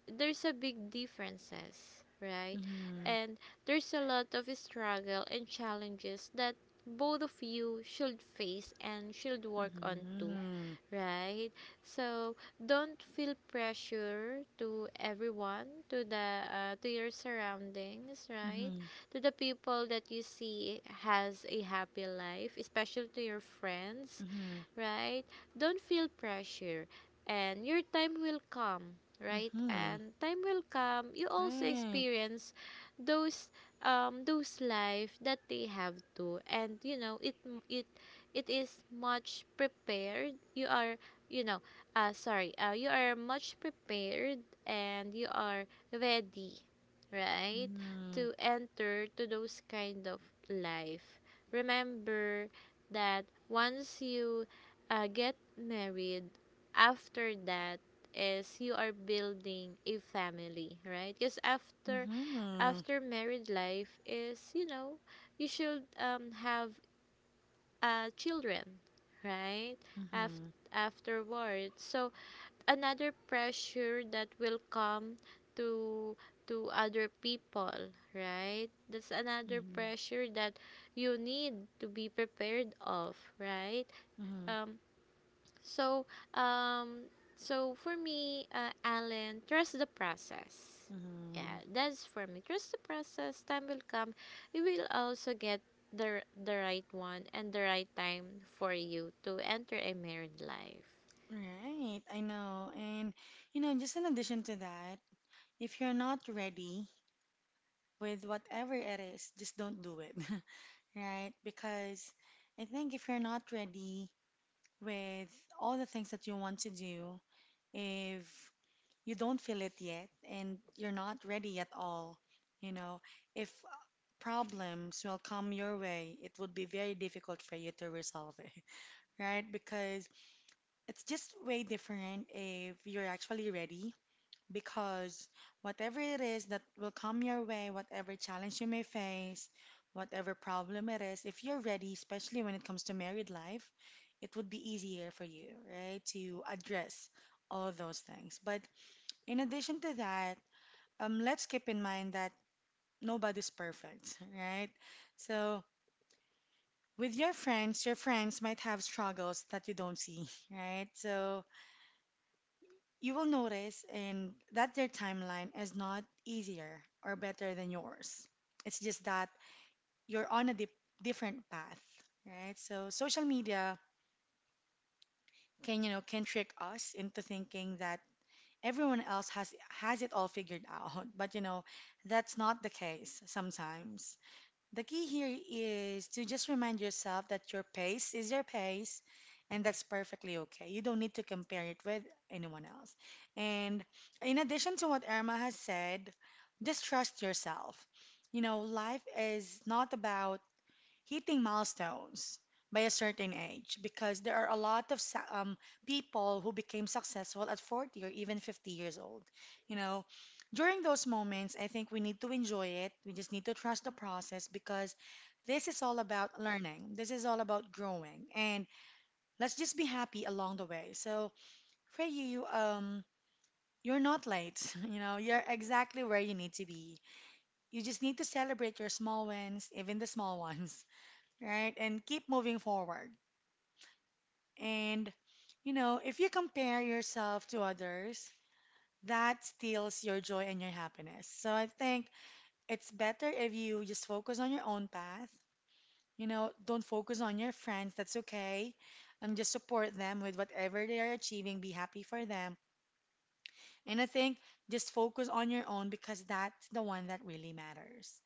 S2: there's a big differences, right?
S1: Mhm.
S2: And there's a lot of struggle and challenges that both of you should face and should work on too,
S1: Mhm.
S2: right? So don't feel pressure to everyone, to your surroundings, right?
S1: Mhm.
S2: To the people that you see has a happy life, especially to your friends,
S1: Mhm.
S2: right? Don't feel pressure, and your time will come, right?
S1: Mhm.
S2: And time will come. You also
S1: Right.
S2: experience those those life that they have to, and you know it it is much prepared. You are, you know sorry, you are much prepared, and you are ready, right?
S1: Mhm.
S2: To enter to those kind of life. Remember that once you get married, after that is you are building a family, right? Because after
S1: Mhm.
S2: married life is, you should, have children, right? After
S1: Mhm.
S2: Afterwards, so another pressure that will come to other people, right? That's another
S1: Mhm.
S2: pressure that you need to be prepared of, right?
S1: Mhm.
S2: Um so, um, so for me, Alan, trust the process. Yeah,
S1: Mhm.
S2: that's for me. Trust the process. Time will come. You will also get the right one and the right time for you to enter a married life.
S1: Right. I know. And just in addition to that, if you're not ready with whatever it is, just don't do it. Right? Because I think if you're not ready with all the things that you want to do, if you don't feel it yet and you're not ready at all. You know, if problems will come your way, it would be very difficult for you to resolve it, right? Because it's just way different if you're actually ready. Because whatever it is that will come your way, whatever challenge you may face, whatever problem it is, if you're ready, especially when it comes to married life, it would be easier for you, right, to address all those things. But in addition to that, let's keep in mind that nobody's perfect, right? So, with your friends might have struggles that you don't see, right? So, you will notice and that their timeline is not easier or better than yours. It's just that you're on a dip different path, right? So, social media can, you know, can trick us into thinking that everyone else has it all figured out, but you know, that's not the case sometimes. The key here is to just remind yourself that your pace is your pace, and that's perfectly okay. You don't need to compare it with anyone else. And in addition to what Irma has said, just trust yourself. You know, life is not about hitting milestones by a certain age because there are a lot of people who became successful at 40 or even 50 years old. You know, during those moments, I think we need to enjoy it. We just need to trust the process because this is all about learning. This is all about growing. And let's just be happy along the way. So, for you, you're not late. You know, you're exactly where you need to be. You just need to celebrate your small wins, even the small ones, right? And keep moving forward. And, you know, if you compare yourself to others, that steals your joy and your happiness. So I think it's better if you just focus on your own path. You know, don't focus on your friends. That's okay. Just support them with whatever they are achieving. Be happy for them. And I think just focus on your own because that's the one that really matters.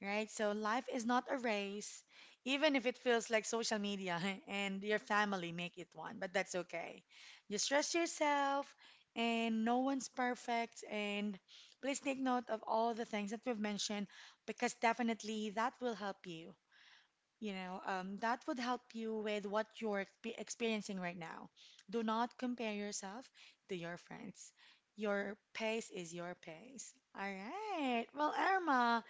S1: Right? So life is not a race, even if it feels like social media and your family make it one, but that's okay. Just trust yourself and no one's perfect, and please take note of all the things that we've mentioned because definitely that will help you, that would help you with what you're experiencing right now. Do not compare yourself to your friends. Your pace is your pace. All right. Well, Irma,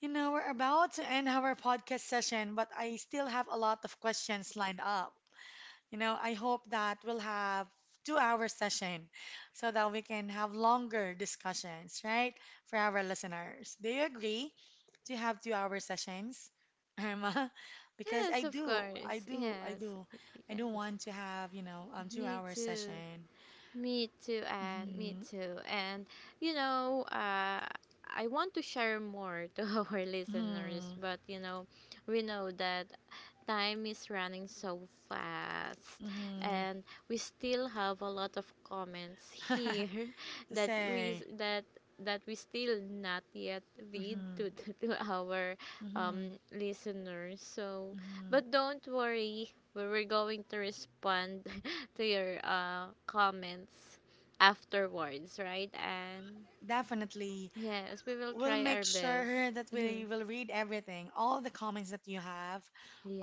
S1: you know, we're about to end our podcast session, but I still have a lot of questions lined up. You know, I hope that we'll have two-hour session so that we can have longer discussions, right? For our listeners. Do you agree to have two-hour sessions, Irma? Because
S2: Yes, of course.
S1: I
S2: Yes,
S1: do. I do
S2: yes.
S1: want to have, you know,
S2: Me
S1: two-hour
S2: too.
S1: session.
S2: Me too, and me
S1: Mm-hmm,
S2: too. And, you know, uh, I want to share more to our listeners,
S1: mm-hmm,
S2: but we know that time is running so fast,
S1: mm-hmm.
S2: and we still have a lot of comments here
S1: To
S2: that we s-
S1: say,
S2: that that we still not yet read
S1: mm-hmm,
S2: to, to our
S1: mm-hmm,
S2: listeners, so
S1: mm-hmm.
S2: but don't worry, we're going to respond to your comments afterwards, right? And
S1: Definitely,
S2: yes, we will
S1: we'll
S2: try
S1: make
S2: our best.
S1: sure that
S2: Mhm.
S1: we will read everything, all the comments that you have,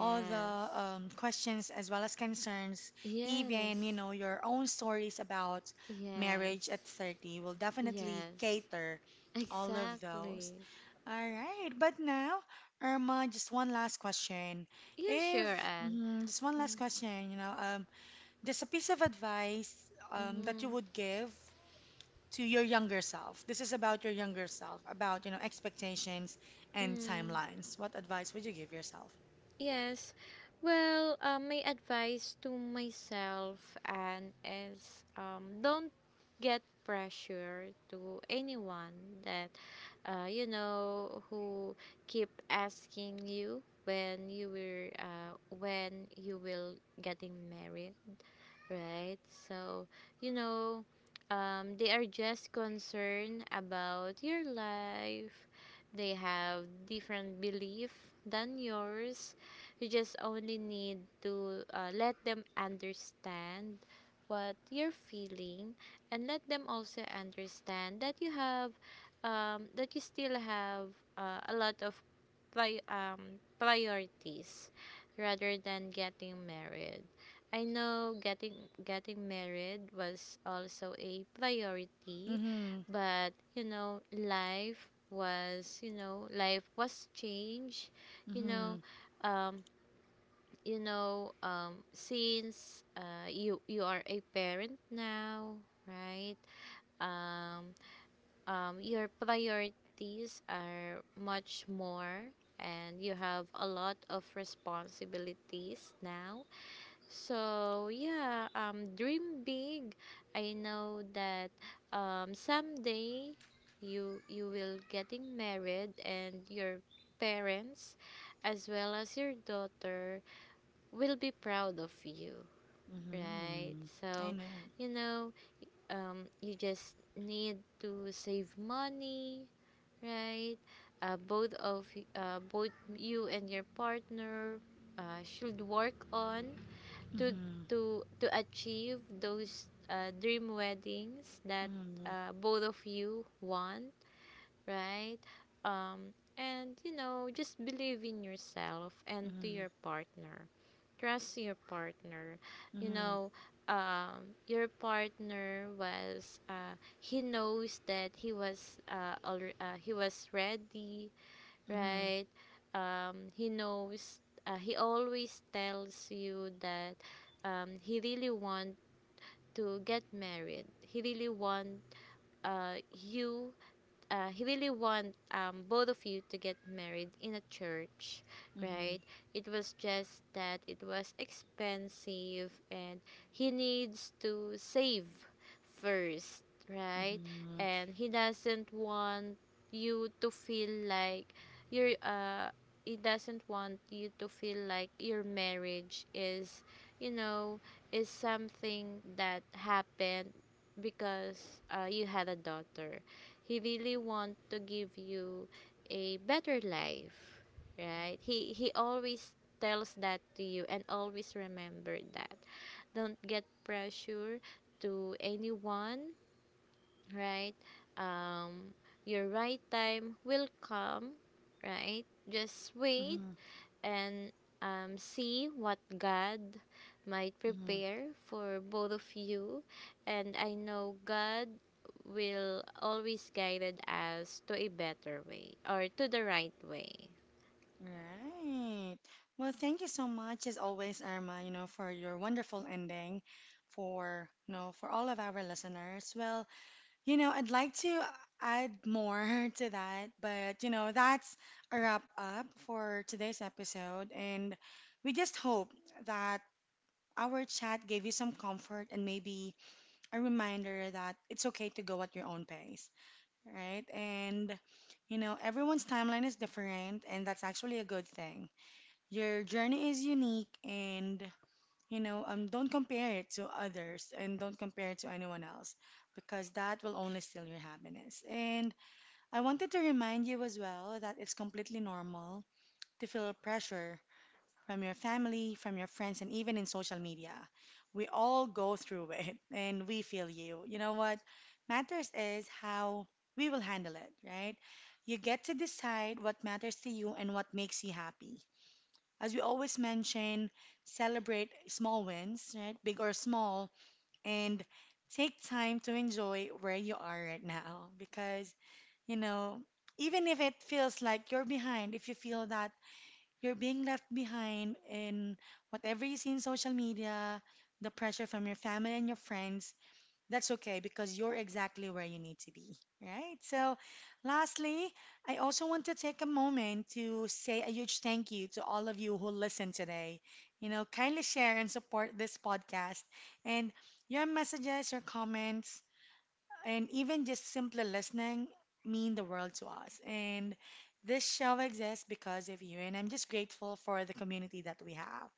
S1: all the questions as well as concerns, even, you
S2: Yes.
S1: know, your own stories about marriage at
S2: Yes.
S1: 30. We'll definitely
S2: Yes.
S1: cater all of those.
S2: Exactly.
S1: All right. But now, Irma, just one last question.
S2: Yeah, sure,
S1: If,
S2: Anne.
S1: mm, just one last question, you know, just a piece of advice that you
S2: Mm-hmm.
S1: would give to your younger self. This is about your younger self, about you know expectations and
S2: Mm-hmm.
S1: timelines. What advice would you give yourself?
S2: Yes. Well, my advice to myself and is, don't get pressure to anyone that, who keep asking you when you will, getting married, right? So, you know, they are just concerned about your life. They have different belief than yours. You just only need to let them understand what you're feeling, and let them also understand that you still have a lot of priorities rather than getting married. I know getting married was also a priority,
S1: Mhm.
S2: but life was changed. you know,
S1: Mhm.
S2: um, you know, um, since uh, you are a parent now, right? Um, your priorities are much more, and you have a lot of responsibilities now, so yeah. Dream big. I know that, someday you will getting married, and your parents, as well as your daughter, will be proud of you, right?
S1: Mhm. I
S2: So,
S1: know.
S2: you know, you just need to save money, right? Both of both you and your partner should work on to
S1: Mhm.
S2: to achieve those dream weddings that
S1: Mhm.
S2: both of you want, right? um and just believe in yourself and to
S1: Mhm.
S2: your partner, trust your partner. you
S1: Mhm.
S2: know um your partner was uh he knows that he was ready,
S1: Mhm.
S2: right? He knows, he always tells you that, he really want to get married. He really want you he really want both of you to get married in a church, right?
S1: Mhm.
S2: It was just that it was expensive, and he needs to save first, right?
S1: Mhm.
S2: And he doesn't want you to feel like you're, he doesn't want you to feel like your marriage is you know is something that happened because, you had a daughter. He really want to give you a better life, right? He always tells that to you, and always remember that, don't get pressure to anyone, right? um your right time will come, right? Just wait.
S1: Mhm.
S2: And, see what God might
S1: Mhm.
S2: prepare for both of you. And I know God will always guide us to a better way or to the right way.
S1: Right. Well, thank you so much as always, Irma, you know, for your wonderful ending for, you know, for all of our listeners. Well, you know, I'd like to add more to that, but you know, that's a wrap up for today's episode. And we just hope that our chat gave you some comfort and maybe a reminder that it's okay to go at your own pace, right? And you know, everyone's timeline is different, and that's actually a good thing. Your journey is unique, and don't compare it to others and don't compare it to anyone else because that will only steal your happiness. And I wanted to remind you as well that it's completely normal to feel pressure from your family, from your friends, and even in social media. We all go through it, and we feel you. You know, what matters is how we will handle it, right? You get to decide what matters to you and what makes you happy. As we always mention, celebrate small wins, right? Big or small, and take time to enjoy where you are right now because, you know, even if it feels like you're behind, if you feel that you're being left behind in whatever you see in social media, the pressure from your family and your friends, that's okay because you're exactly where you need to be, right? So, lastly, I also want to take a moment to say a huge thank you to all of you who listen today. You know, kindly share and support this podcast. And your messages, your comments, and even just simply listening mean the world to us. And this show exists because of you, and I'm just grateful for the community that we have.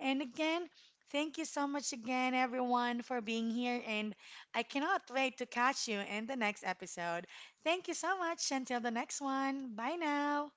S1: And again, thank you so much again, everyone, for being here. And I cannot wait to catch you in the next episode. Thank you so much. Until the next one. Bye now.